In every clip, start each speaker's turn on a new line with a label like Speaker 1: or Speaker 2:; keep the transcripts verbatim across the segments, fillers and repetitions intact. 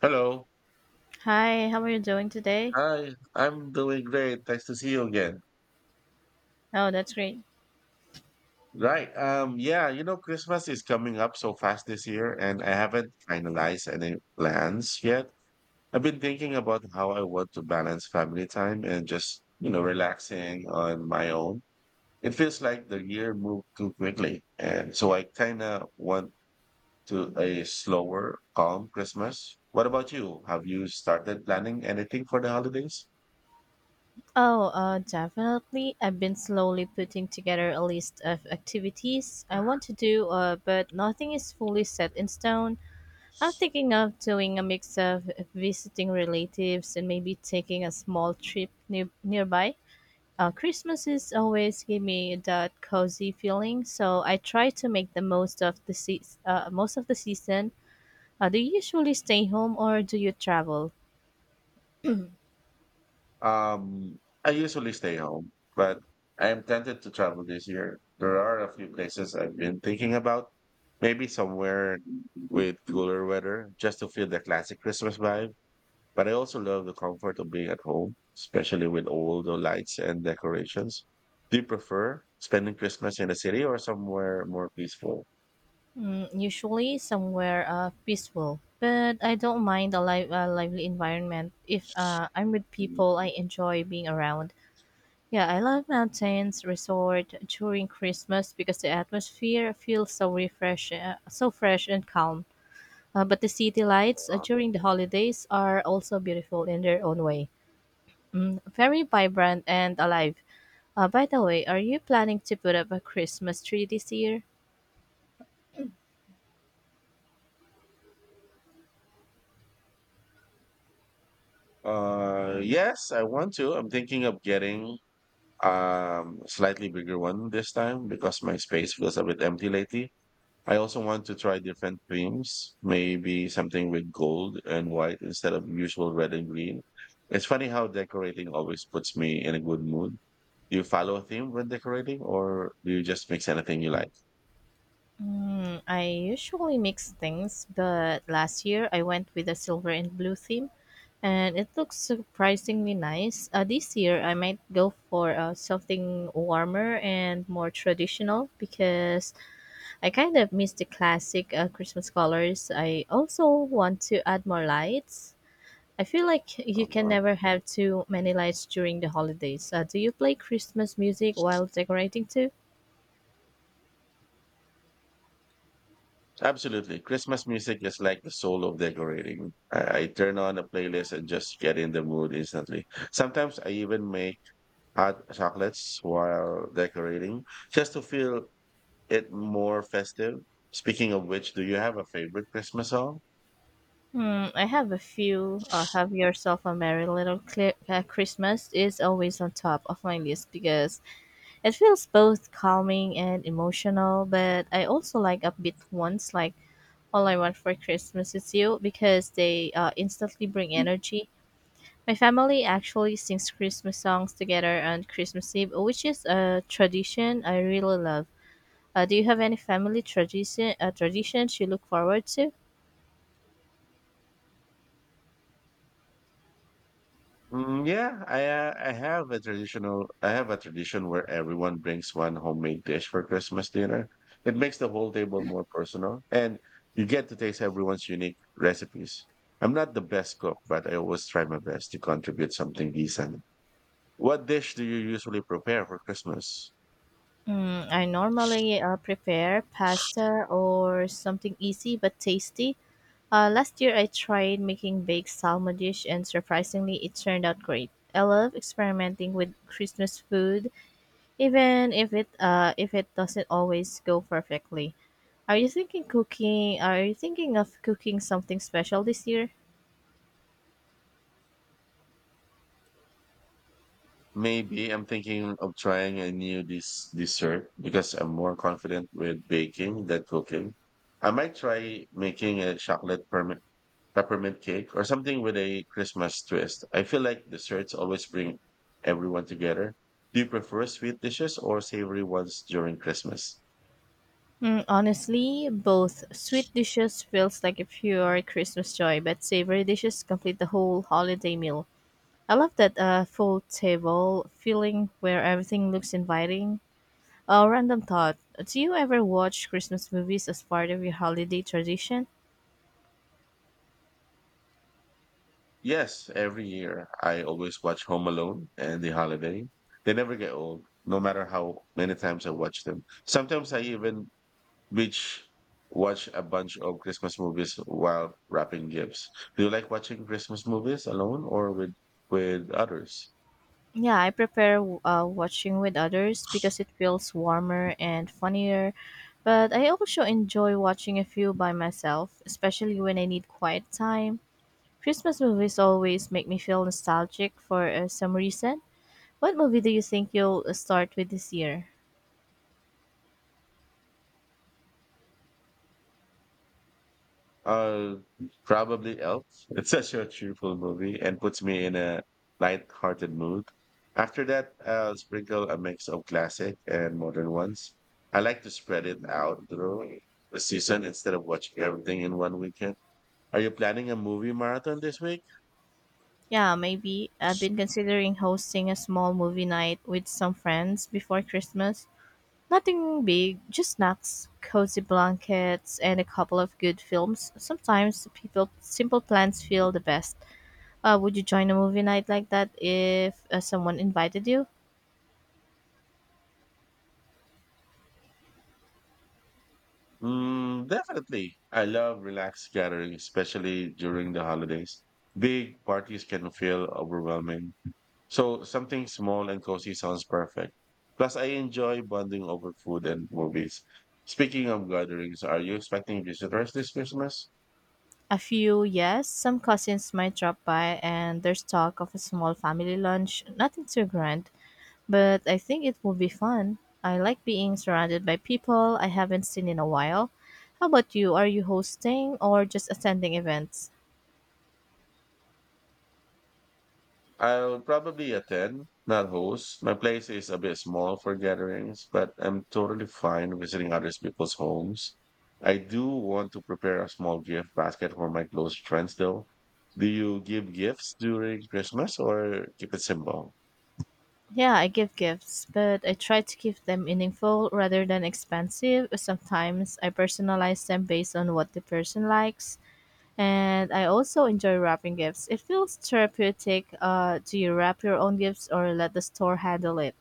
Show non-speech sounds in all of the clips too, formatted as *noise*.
Speaker 1: Hello.
Speaker 2: Hi, how are you doing today?
Speaker 1: Hi. I'm doing great. Nice to see you again.
Speaker 2: Oh, that's great.
Speaker 1: Right. Um, yeah, you know, Christmas is coming up so fast this year, and I haven't finalized any plans yet. I've been thinking about how I want to balance family time and just, you know, relaxing on my own. It feels like the year moved too quickly, and so I kind of want to a slower, calm Christmas. What about you? Have you started planning anything for the holidays?
Speaker 2: Oh, uh, definitely. I've been slowly putting together a list of activities I want to do, uh, but nothing is fully set in stone. I'm thinking of doing a mix of visiting relatives and maybe taking a small trip near- nearby. Uh, Christmas is always give me that cozy feeling, so I try to make the most of the se- uh, most of the season. Uh, do you usually stay home or do you travel?
Speaker 1: Um, I usually stay home, but I am tempted to travel this year. There are a few places I've been thinking about. Maybe somewhere with cooler weather, just to feel the classic Christmas vibe. But I also love the comfort of being at home, especially with all the lights and decorations. Do you prefer spending Christmas in a city or somewhere more peaceful?
Speaker 2: Usually somewhere uh, peaceful, but I don't mind a, live, a lively environment if uh, I'm with people I enjoy being around. Yeah, I love mountains, resort during Christmas because the atmosphere feels so refresh, uh, so fresh and calm. Uh, but the city lights uh, during the holidays are also beautiful in their own way, very vibrant and alive. Uh, by the way, are you planning to put up a Christmas tree this year?
Speaker 1: Uh, yes, I want to. I'm thinking of getting um slightly bigger one this time because my space feels a bit empty lately. I also want to try different creams, maybe something with gold and white instead of usual red and green. It's funny how decorating always puts me in a good mood. Do you follow a theme when decorating or do you just mix anything you like?
Speaker 2: Hmm, I usually mix things, but last year I went with a silver and blue theme, and it looks surprisingly nice. Uh, this year I might go for uh, something warmer and more traditional because I kind of miss the classic uh, Christmas colors. I also want to add more lights. I feel like you can
Speaker 1: Uh-huh.
Speaker 2: never have too many lights during the holidays. Uh, do you play Christmas music while decorating too?
Speaker 1: Absolutely. Christmas music is like the soul of decorating. I, I turn on a playlist and just get in the mood instantly. Sometimes I even make hot chocolates while decorating just to feel it more festive. Speaking of which, do you have a favorite Christmas song?
Speaker 2: Hmm, I have a few. Uh, have yourself a merry little Cli- uh, Christmas is always on top of my list because it feels both calming and emotional. But I also like upbeat ones like "All I Want for Christmas Is You" because they uh, instantly bring energy. My family actually sings Christmas songs together on Christmas Eve, which is a tradition I really love. Uh, do you have any family tradition uh, traditions you look forward to?
Speaker 1: Mm, yeah, I uh, I have a traditional I have a tradition where everyone brings one homemade dish for Christmas dinner. It makes the whole table more personal and you get to taste everyone's unique recipes. I'm not the best cook, but I always try my best to contribute something decent. What dish do you usually prepare for Christmas?
Speaker 2: Mm, I normally uh, prepare pasta or something easy but tasty. Uh, last year, I tried making baked salmon dish, and surprisingly, it turned out great. I love experimenting with Christmas food, even if it uh, if it doesn't always go perfectly. Are you thinking cooking? Are you thinking of cooking something special this year?
Speaker 1: Maybe I'm thinking of trying a new dis- dessert because I'm more confident with baking than cooking. I might try making a chocolate perm- peppermint cake or something with a Christmas twist. I feel like desserts always bring everyone together. Do you prefer sweet dishes or savory ones during Christmas?
Speaker 2: Mm, honestly, both sweet dishes feels like a pure Christmas joy, but savory dishes complete the whole holiday meal. I love that uh, full table feeling where everything looks inviting. A random thought. Do you ever watch Christmas movies as part of your holiday tradition?
Speaker 1: Yes, every year I always watch Home Alone and The Holiday. They never get old, no matter how many times I watch them. Sometimes I even Beach, watch a bunch of Christmas movies while wrapping gifts. Do you like watching Christmas movies alone or with with others?
Speaker 2: Yeah, I prefer uh, watching with others because it feels warmer and funnier. But I also enjoy watching a few by myself, especially when I need quiet time. Christmas movies always make me feel nostalgic for uh, some reason. What movie do you think you'll uh, start with this year?
Speaker 1: Uh, probably Elf. *laughs* It's such a cheerful movie and puts me in a light-hearted mood. After that, I'll sprinkle a mix of classic and modern ones. I like to spread it out through the season instead of watching everything in one weekend. Are you planning a movie marathon this week?
Speaker 2: Yeah, maybe. I've been considering hosting a small movie night with some friends before Christmas. Nothing big, just snacks, cozy blankets, and a couple of good films. Sometimes people simple plans feel the best. Uh, would you join a movie night like that if uh, someone invited you?
Speaker 1: Mm, definitely. I love relaxed gatherings, especially during the holidays. Big parties can feel overwhelming. So something small and cozy sounds perfect. Plus, I enjoy bonding over food and movies. Speaking of gatherings, are you expecting visitors this Christmas?
Speaker 2: A few, yes. Some cousins might drop by, and there's talk of a small family lunch. Nothing too grand. But I think it will be fun. I like being surrounded by people I haven't seen in a while. How about you? Are you hosting or just attending events?
Speaker 1: I'll probably attend, not host. My place is a bit small for gatherings, but I'm totally fine visiting other people's homes. I do want to prepare a small gift basket for my close friends, though. Do you give gifts during Christmas or keep it simple?
Speaker 2: Yeah, I give gifts, but I try to keep them meaningful rather than expensive. Sometimes I personalize them based on what the person likes, and I also enjoy wrapping gifts. It feels therapeutic. Uh, do you wrap your own gifts or let the store handle it?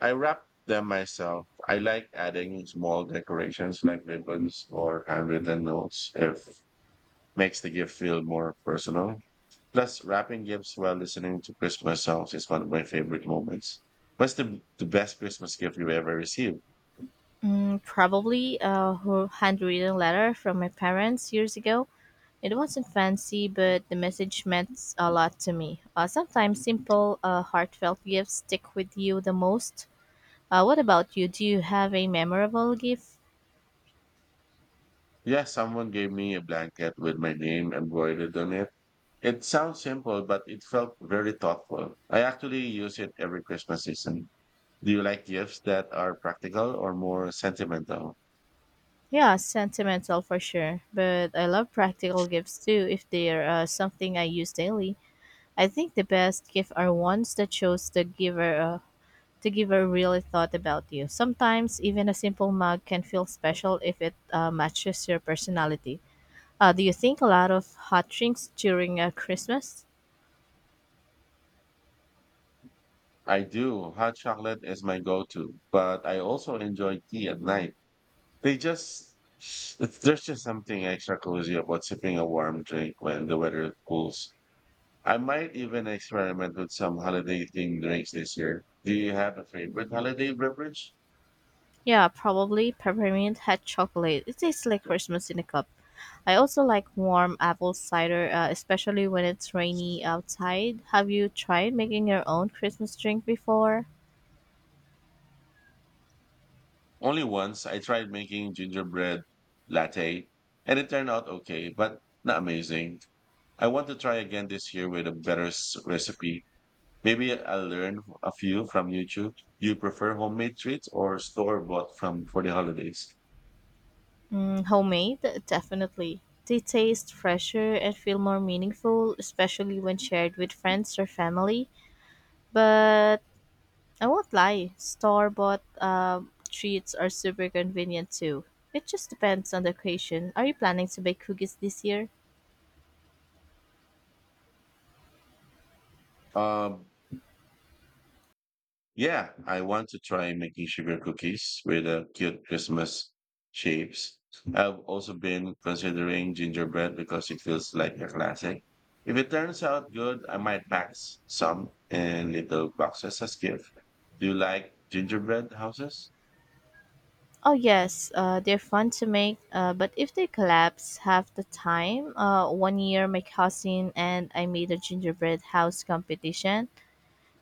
Speaker 1: I wrap them myself. I like adding small decorations like ribbons or handwritten notes. It makes the gift feel more personal. Plus, wrapping gifts while listening to Christmas songs is one of my favorite moments. What's the, the best Christmas gift you ever received?
Speaker 2: Mm, probably a ho- handwritten letter from my parents years ago. It wasn't fancy, but the message meant a lot to me. Uh, sometimes simple, uh, heartfelt gifts stick with you the most. Uh, what about you? Do you have a memorable gift?
Speaker 1: Yeah, someone gave me a blanket with my name embroidered on it. It sounds simple, but it felt very thoughtful. I actually use it every Christmas season. Do you like gifts that are practical or more sentimental?
Speaker 2: Yeah, sentimental for sure, but I love practical gifts too if they're uh, something I use daily. I think the best gifts are ones that shows the giver uh, the giver really thought about you. Sometimes even a simple mug can feel special if it uh, matches your personality. Uh, do you think a lot of hot drinks during uh, Christmas?
Speaker 1: I do. Hot chocolate is my go-to, but I also enjoy tea at night. They just there's just something extra cozy about sipping a warm drink when the weather cools. I might even experiment with some holiday themed drinks this year. Do you have a favorite holiday beverage?
Speaker 2: Yeah, probably peppermint hot chocolate. It tastes like Christmas in a cup. I also like warm apple cider, uh, especially when it's rainy outside. Have you tried making your own Christmas drink before?
Speaker 1: Only once I tried making gingerbread latte and it turned out okay, but not amazing. I want to try again this year with a better s- recipe. Maybe I'll learn a few from YouTube. Do you prefer homemade treats or store bought from for the holidays?
Speaker 2: Mm, homemade? Definitely. They taste fresher and feel more meaningful, especially when shared with friends or family. But I won't lie, store bought um, treats are super convenient too. It just depends on the occasion. Are you planning to bake cookies this year?
Speaker 1: Um, Yeah, I want to try making sugar cookies with uh, cute Christmas shapes. I've also been considering gingerbread because it feels like a classic. If it turns out good, I might pack s- some in little boxes as gift. Do you like gingerbread houses?
Speaker 2: Oh, yes, uh, they're fun to make, uh, but if they collapse half the time, uh, one year my cousin and I made a gingerbread house competition,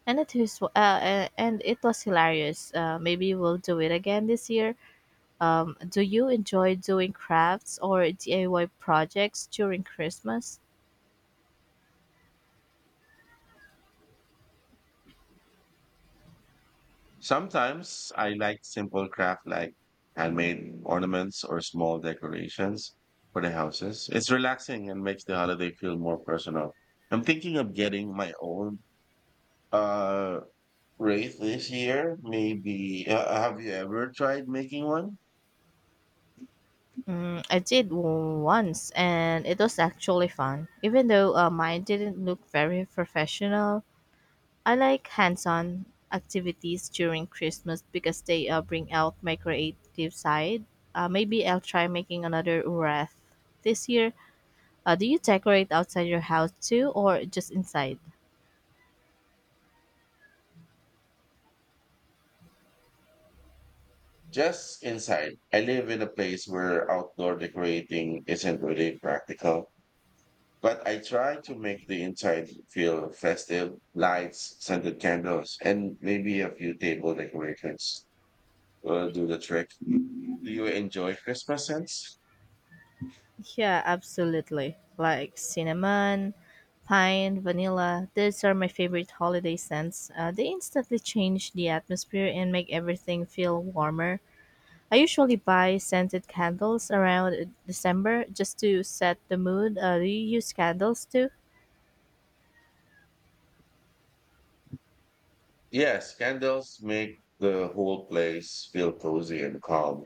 Speaker 2: and it was, uh, uh, and it was hilarious. Uh, maybe we'll do it again this year. Um, do you enjoy doing crafts or D I Y projects during Christmas?
Speaker 1: Sometimes I like simple craft like handmade ornaments or small decorations for the houses. It's relaxing and makes the holiday feel more personal. I'm thinking of getting my own uh wreath this year. Maybe uh, have you ever tried making one?
Speaker 2: Mm, I did w- once, and it was actually fun. Even though uh, mine didn't look very professional, I like hands-on activities during Christmas because they uh, bring out my creative side. Uh, maybe I'll try making another wreath this year. Uh, do you decorate outside your house too, or just inside?
Speaker 1: Just inside. I live in a place where outdoor decorating isn't really practical. But I try to make the inside feel festive, lights, scented candles, and maybe a few table decorations will do the trick. Do you enjoy Christmas scents?
Speaker 2: Yeah, absolutely. Like cinnamon, pine, vanilla. These are my favorite holiday scents. Uh, they instantly change the atmosphere and make everything feel warmer. I usually buy scented candles around December just to set the mood. Uh, do you use candles too?
Speaker 1: Yes, candles make the whole place feel cozy and calm.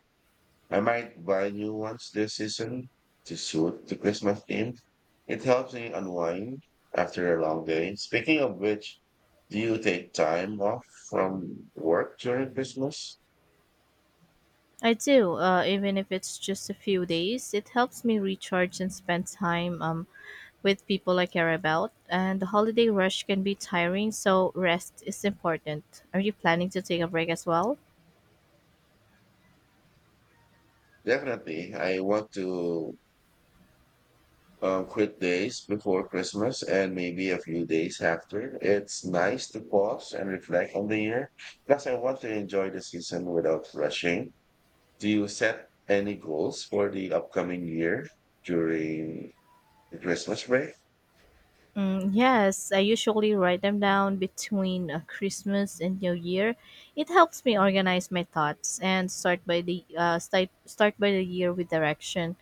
Speaker 1: I might buy new ones this season to suit the Christmas theme. It helps me unwind after a long day. Speaking of which, do you take time off from work during Christmas?
Speaker 2: I do, uh, even if it's just a few days. It helps me recharge and spend time um, with people I care about, and the holiday rush can be tiring, so rest is important. Are you planning to take a break as well?
Speaker 1: Definitely, I want to um, quit days before Christmas and maybe a few days after. It's nice to pause and reflect on the year. Plus, I want to enjoy the season without rushing. Do you set any goals for the upcoming year during the Christmas break?
Speaker 2: Mm, yes, I usually write them down between uh, Christmas and New Year. It helps me organize my thoughts and start by the uh, start start by the year with direction.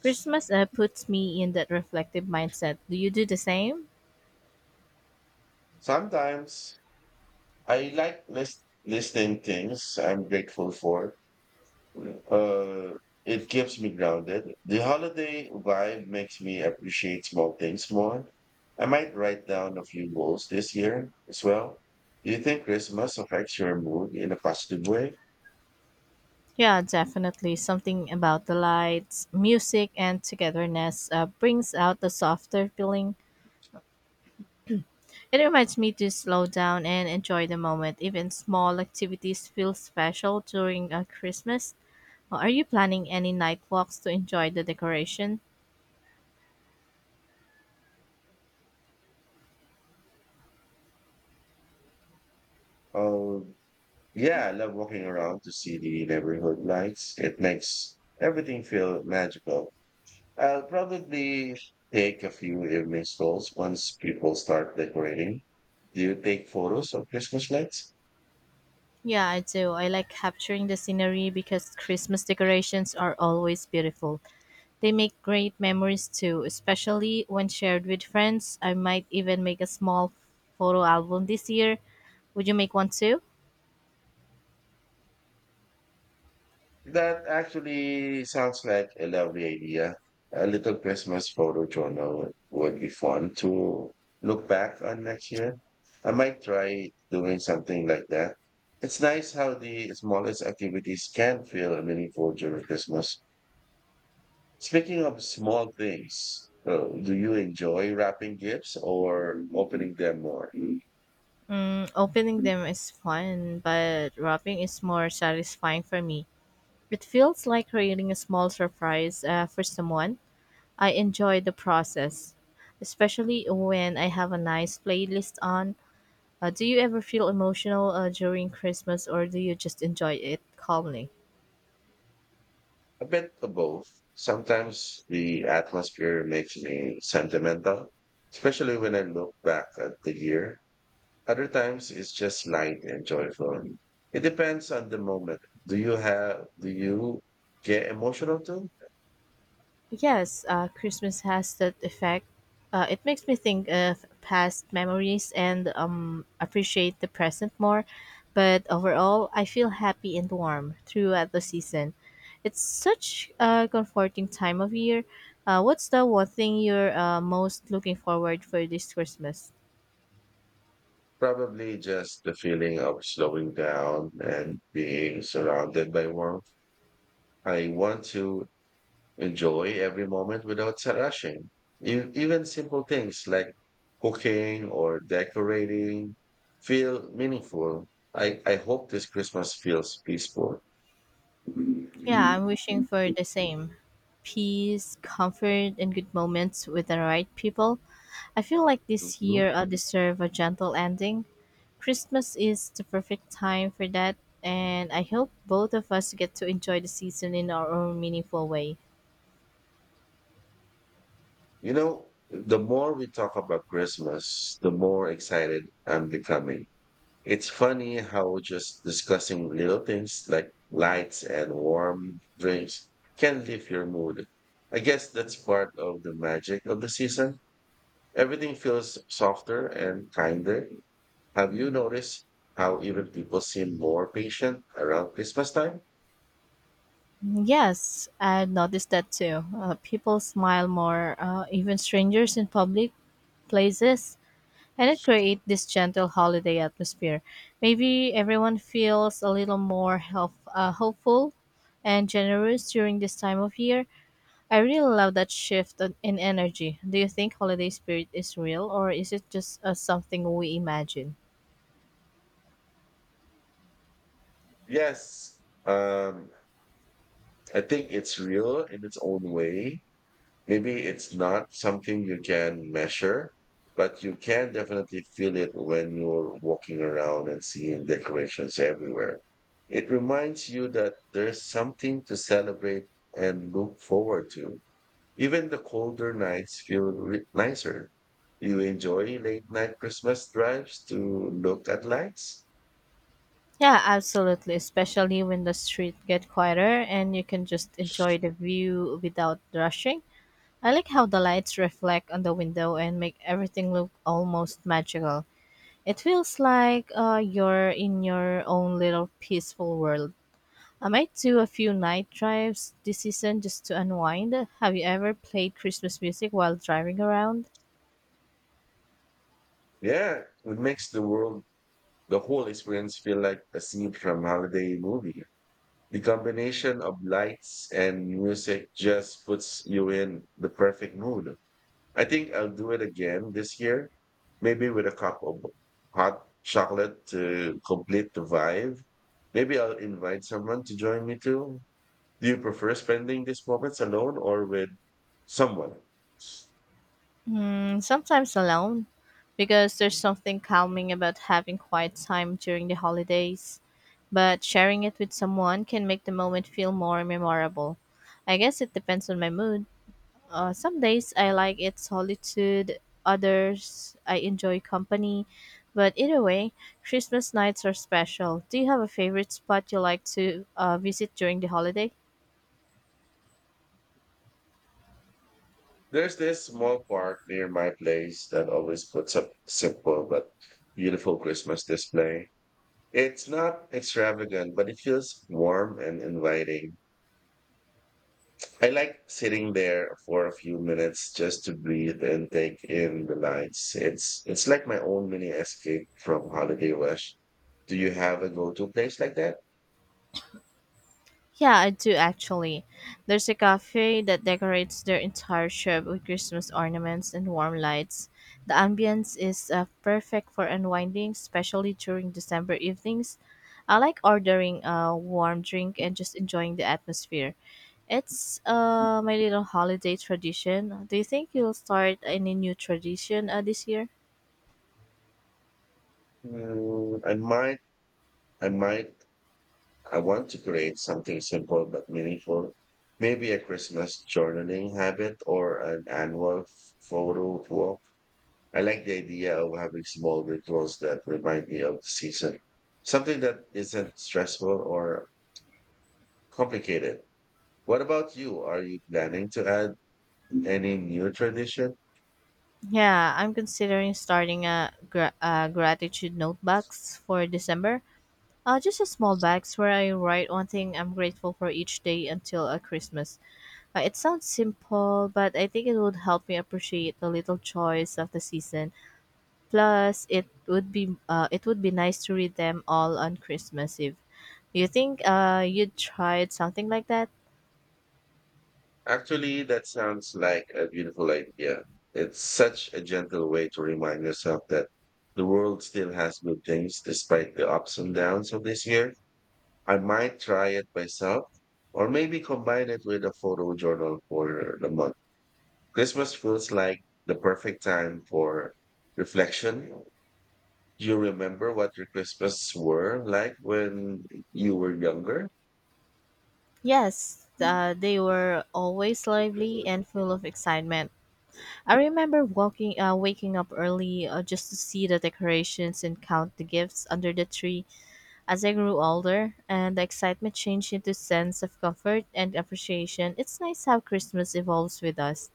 Speaker 2: Christmas uh, puts me in that reflective mindset. Do you do the same?
Speaker 1: Sometimes I like list listing things I'm grateful for, Uh, it keeps me grounded. The holiday vibe makes me appreciate small things more. I might write down a few goals this year as well. Do you think Christmas affects your mood in a positive way?
Speaker 2: Yeah, definitely. Something about the lights, music, and togetherness uh, brings out the softer feeling. It reminds me to slow down and enjoy the moment. Even small activities feel special during uh, Christmas. Uh, Are you planning any night walks to enjoy the decoration?
Speaker 1: Oh, Yeah, I love walking around to see the neighborhood lights. It makes everything feel magical. I'll probably take a few evening strolls once people start decorating. Do you take photos of Christmas lights?
Speaker 2: Yeah, I do. I like capturing the scenery because Christmas decorations are always beautiful. They make great memories too, especially when shared with friends. I might even make a small photo album this year. Would you make one too?
Speaker 1: That actually sounds like a lovely idea. A little Christmas photo journal would be fun to look back on next year. I might try doing something like that. It's nice how the smallest activities can feel meaningful during Christmas. Speaking of small things, uh, do you enjoy wrapping gifts or opening them more?
Speaker 2: Mm, Opening
Speaker 1: Ừm.
Speaker 2: them is fun, but wrapping is more satisfying for me. It feels like creating a small surprise uh, for someone. I enjoy the process, especially when I have a nice playlist on. Uh, do you ever feel emotional uh, during Christmas or do you just enjoy it calmly?
Speaker 1: A bit of both. Sometimes the atmosphere makes me sentimental, especially when I look back at the year. Other times it's just light and joyful. It depends on the moment. Do you have do you get emotional too?
Speaker 2: Yes, uh, Christmas has that effect. Uh, it makes me think of past memories and um, appreciate the present more. But overall, I feel happy and warm throughout the season. It's such a comforting time of year. Uh, what's the one thing you're uh, most looking forward for this Christmas?
Speaker 1: Probably just the feeling of slowing down and being surrounded by warmth. I want to enjoy every moment without rushing. E- Even simple things like cooking or decorating feel meaningful. I, I hope this Christmas feels peaceful.
Speaker 2: Yeah,
Speaker 1: Mhm.
Speaker 2: I'm wishing for the same peace, comfort, and good moments with the right people. I feel like this year I'll deserve a gentle ending. Christmas is the perfect time for that, and I hope both of us get to enjoy the season in our own meaningful way.
Speaker 1: You know, the more we talk about Christmas, the more excited I'm becoming. It's funny how just discussing little things like lights and warm drinks can lift your mood. I guess that's part of the magic of the season. Everything feels softer and kinder. Have you noticed how even people seem more patient around Christmas time?
Speaker 2: Yes, I noticed that too. Uh, people smile more, uh, even strangers in public places, and it creates this gentle holiday atmosphere. Maybe everyone feels a little more help, uh, hopeful and generous during this time of year. I really love that shift in in energy. Do you think holiday spirit is real or is it just uh, something we imagine?
Speaker 1: Yes, um, I think it's real in its own way. Maybe it's not something you can measure, but you can definitely feel it when you're walking around and seeing decorations everywhere. It reminds you that there's something to celebrate and look forward to. Even the colder nights feel re- nicer. You enjoy late night Christmas drives to look at lights?
Speaker 2: Yeah, absolutely. Especially when the street get quieter and you can just enjoy the view without rushing. I like how the lights reflect on the window and make everything look almost magical. It feels like uh, you're in your own little peaceful world. I might do a few night drives this season just to unwind. Have you ever played Christmas music while driving around?
Speaker 1: Yeah, it makes the world, the whole experience feel like a scene from holiday movie. The combination of lights and music just puts you in the perfect mood. I think I'll do it again this year, maybe with a cup of hot chocolate to complete the vibe. Maybe I'll invite someone to join me too. Do you prefer spending these moments alone or with someone?
Speaker 2: Mm, sometimes alone, because there's something calming about having quiet time during the holidays. But sharing it with someone can make the moment feel more memorable. I guess it depends on my mood. Uh, some days I like its solitude, others I enjoy company. But either way, Christmas nights are special. Do you have a favorite spot you like to uh, visit during the holiday?
Speaker 1: There's this small park near my place that always puts up simple but beautiful Christmas display. It's not extravagant, but it feels warm and inviting. I like sitting there for a few minutes just to breathe and take in the lights. It's it's like my own mini escape from holiday rush. Do you have a go-to place like that?
Speaker 2: Yeah, I do actually. There's a cafe that decorates their entire shop with Christmas ornaments and warm lights. The ambience is uh, perfect for unwinding, especially during December evenings. I like ordering a warm drink and just enjoying the atmosphere. It's uh, my little holiday tradition. Do you think you'll start any new tradition uh, this year?
Speaker 1: Mm, I might, I might, I want to create something simple but meaningful. Maybe a Christmas journaling habit or an annual photo walk. I like the idea of having small rituals that remind me of the season, something that isn't stressful or complicated. What about you? Are you planning to add any new tradition?
Speaker 2: Yeah, I'm considering starting a, gra- a gratitude notebox for December. Uh, just a small box where I write one thing I'm grateful for each day until uh, Christmas. Uh, it sounds simple, but I think it would help me appreciate the little joys of the season. Plus, it would be uh, it would be nice to read them all on Christmas Eve. Do you think uh, you'd tried something like that?
Speaker 1: Actually, that sounds like a beautiful idea. It's such a gentle way to remind yourself that the world still has good things despite the ups and downs of this year. I might try it myself or maybe combine it with a photo journal for the month. Christmas feels like the perfect time for reflection. Do you remember what your Christmas were like when you were younger?
Speaker 2: Yes, uh, they were always lively and full of excitement. I remember walking, uh, waking up early uh, just to see the decorations and count the gifts under the tree. As I grew older, and the excitement changed into a sense of comfort and appreciation, it's nice how Christmas evolves with us.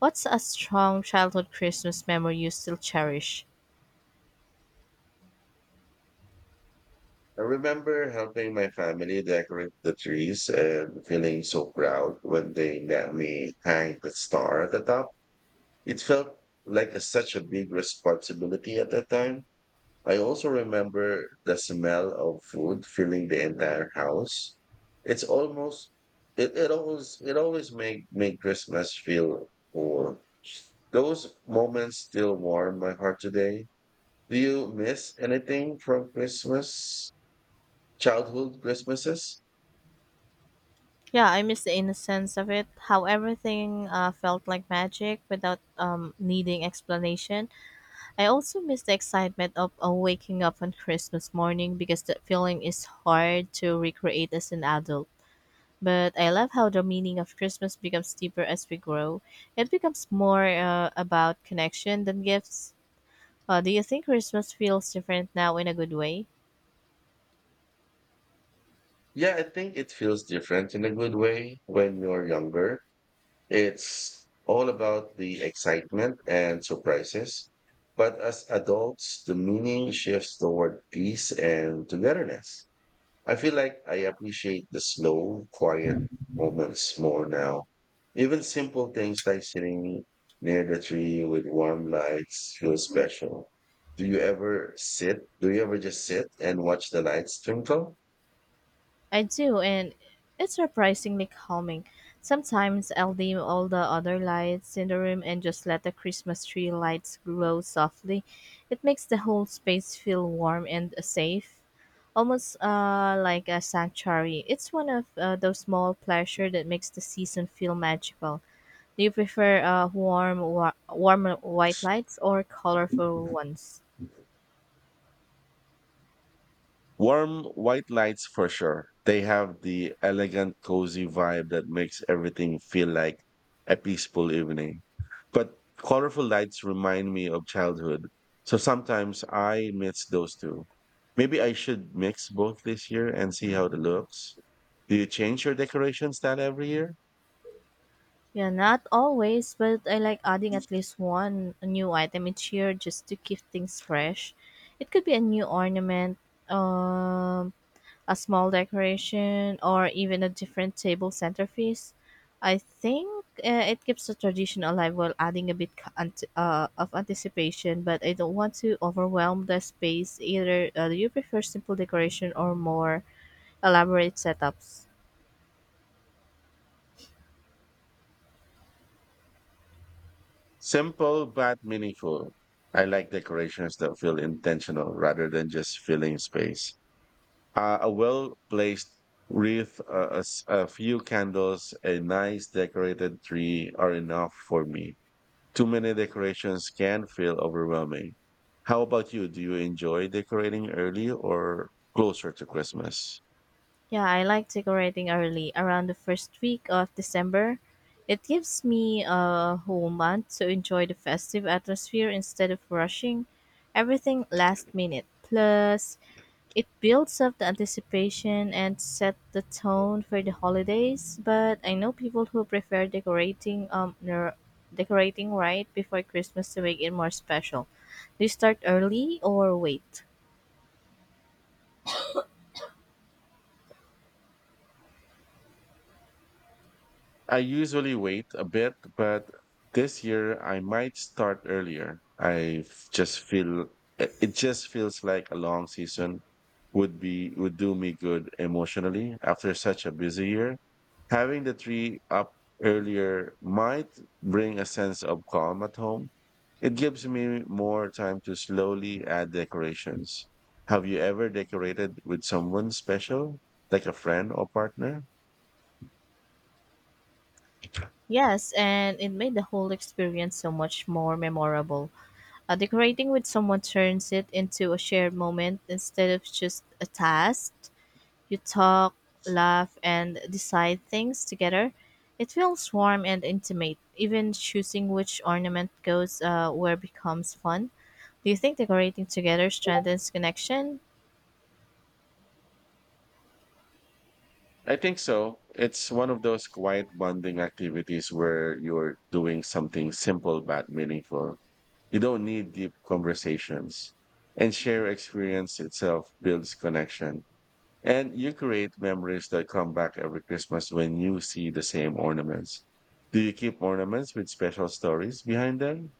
Speaker 2: What's a strong childhood Christmas memory you still cherish?
Speaker 1: I remember helping my family decorate the trees and feeling so proud when they let me hang the star at the top. It felt like a, such a big responsibility at that time. I also remember the smell of food filling the entire house. It's almost it, it always it always make make Christmas feel warm. Those moments still warm my heart today. Do you miss anything from Christmas? Childhood Christmases?
Speaker 2: Yeah, I miss the innocence of it, how everything uh, felt like magic without um, needing explanation. I also miss the excitement of uh, waking up on Christmas morning because that feeling is hard to recreate as an adult. But I love how the meaning of Christmas becomes deeper as we grow. It becomes more uh, about connection than gifts. Uh, do you think Christmas feels different now in a good way?
Speaker 1: Yeah, I think it feels different in a good way when you're younger. It's all about the excitement and surprises. But as adults, the meaning shifts toward peace and togetherness. I feel like I appreciate the slow, quiet moments more now. Even simple things like sitting near the tree with warm lights feel special. Do you ever sit? Do you ever just sit and watch the lights twinkle?
Speaker 2: I do, and it's surprisingly calming. Sometimes I'll dim all the other lights in the room and just let the Christmas tree lights glow softly. It makes the whole space feel warm and uh, safe almost uh, like a sanctuary. It's one of uh, those small pleasures that makes the season feel magical. Do you prefer uh, warm, wa- warm white lights or colorful ones?
Speaker 1: Warm white lights for sure. They have the elegant, cozy vibe that makes everything feel like a peaceful evening. But colorful lights remind me of childhood. So sometimes I mix those two. Maybe I should mix both this year and see how it looks. Do you change your decoration style every year?
Speaker 2: Yeah, not always, but I like adding at least one new item each year just to keep things fresh. It could be a new ornament, um, a small decoration, or even a different table centerpiece. I think uh, it keeps the tradition alive while adding a bit ca- ant- uh, of anticipation, but I don't want to overwhelm the space either. Uh, do you prefer simple decoration or more elaborate setups.
Speaker 1: Simple but meaningful. I like decorations that feel intentional rather than just filling space. Uh, a well placed wreath, uh, a, s- a few candles, a nice decorated tree are enough for me. Too many decorations can feel overwhelming. How about you? Do you enjoy decorating early or closer to Christmas?
Speaker 2: Yeah, I like decorating early, around the first week of December. It gives me a whole month to enjoy the festive atmosphere instead of rushing everything last minute. Plus, it builds up the anticipation and set the tone for the holidays. But I know people who prefer decorating um ner- decorating right before Christmas to make it more special. Do you start early or wait?
Speaker 1: I usually wait a bit, but this year I might start earlier. I f- just feel it it just feels like a long season would be would do me good emotionally after such a busy year. Having the tree up earlier might bring a sense of calm at home. It gives me more time to slowly add decorations. Have you ever decorated with someone special, like a friend or partner?
Speaker 2: Yes, and it made the whole experience so much more memorable. Uh, decorating with someone turns it into a shared moment instead of just a task. You talk, laugh, and decide things together. It feels warm and intimate. Even choosing which ornament goes uh, where becomes fun. Do you think decorating together strengthens connection?
Speaker 1: I think so. It's one of those quiet bonding activities where you're doing something simple but meaningful. You don't need deep conversations. And share experience itself builds connection. And you create memories that come back every Christmas when you see the same ornaments. Do you keep ornaments with special stories behind them?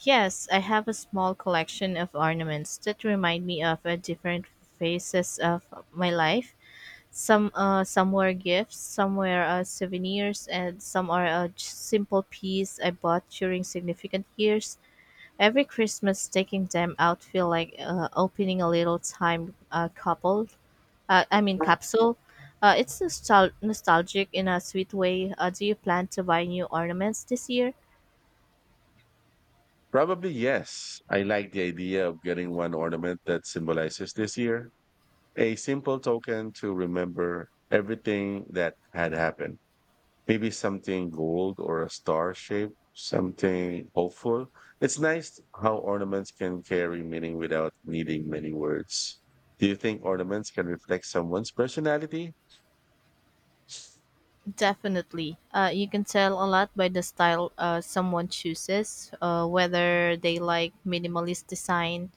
Speaker 2: Yes, I have a small collection of ornaments that remind me of uh, different phases of my life. Some uh, some were gifts, some were uh, souvenirs, and some are a j- simple piece I bought during significant years. Every Christmas, taking them out feel like uh, opening a little time uh, couple. Uh, I mean capsule. Uh, it's nostal- nostalgic in a sweet way. Uh, do you plan to buy new ornaments this year?
Speaker 1: Probably yes. I like the idea of getting one ornament that symbolizes this year, a simple token to remember everything that had happened. Maybe something gold or a star shape, something hopeful. It's nice how ornaments can carry meaning without needing many words. Do you think ornaments can reflect someone's personality?
Speaker 2: Definitely. Uh, you can tell a lot by the style uh, someone chooses, uh, whether they like minimalist design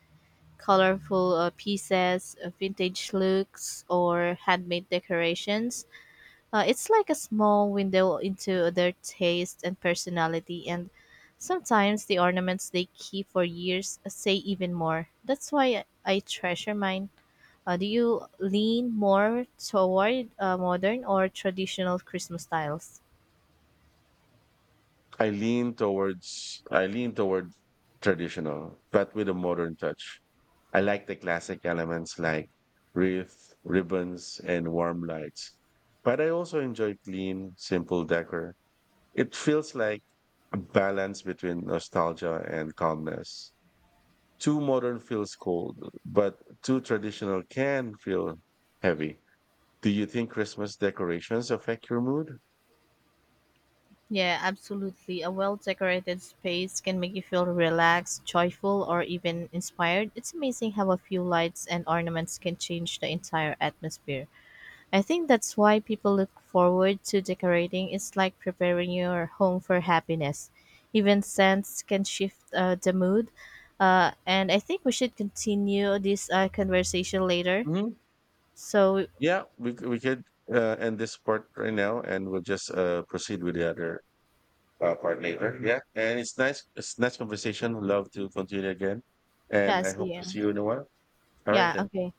Speaker 2: colorful uh, pieces, uh, vintage looks, or handmade decorations. Uh, it's like a small window into their taste and personality, and sometimes the ornaments they keep for years uh, say even more. That's why I treasure mine. Uh, do you lean more toward uh, modern or traditional Christmas styles?
Speaker 1: I lean towards I lean toward traditional, but with a modern touch. I like the classic elements like wreath, ribbons, and warm lights. But I also enjoy clean, simple decor. It feels like a balance between nostalgia and calmness. Too modern feels cold, but too traditional can feel heavy. Do you think Christmas decorations affect your mood?
Speaker 2: Yeah, absolutely. A well decorated space can make you feel relaxed, joyful, or even inspired. It's amazing how a few lights and ornaments can change the entire atmosphere. I think that's why people look forward to decorating. It's like preparing your home for happiness. Even scents can shift uh, the mood. Uh, and I think we should continue this uh, conversation later.
Speaker 1: Hmm.
Speaker 2: So,
Speaker 1: Yeah, we, c- we could uh, end this part right now, and we'll just uh, proceed with the other uh, part later. Yeah, and it's nice. It's nice conversation. Love to continue again,
Speaker 2: yeah,
Speaker 1: and I hope
Speaker 2: see ya.
Speaker 1: to see you in a while. All right
Speaker 2: Yeah,
Speaker 1: then.
Speaker 2: okay.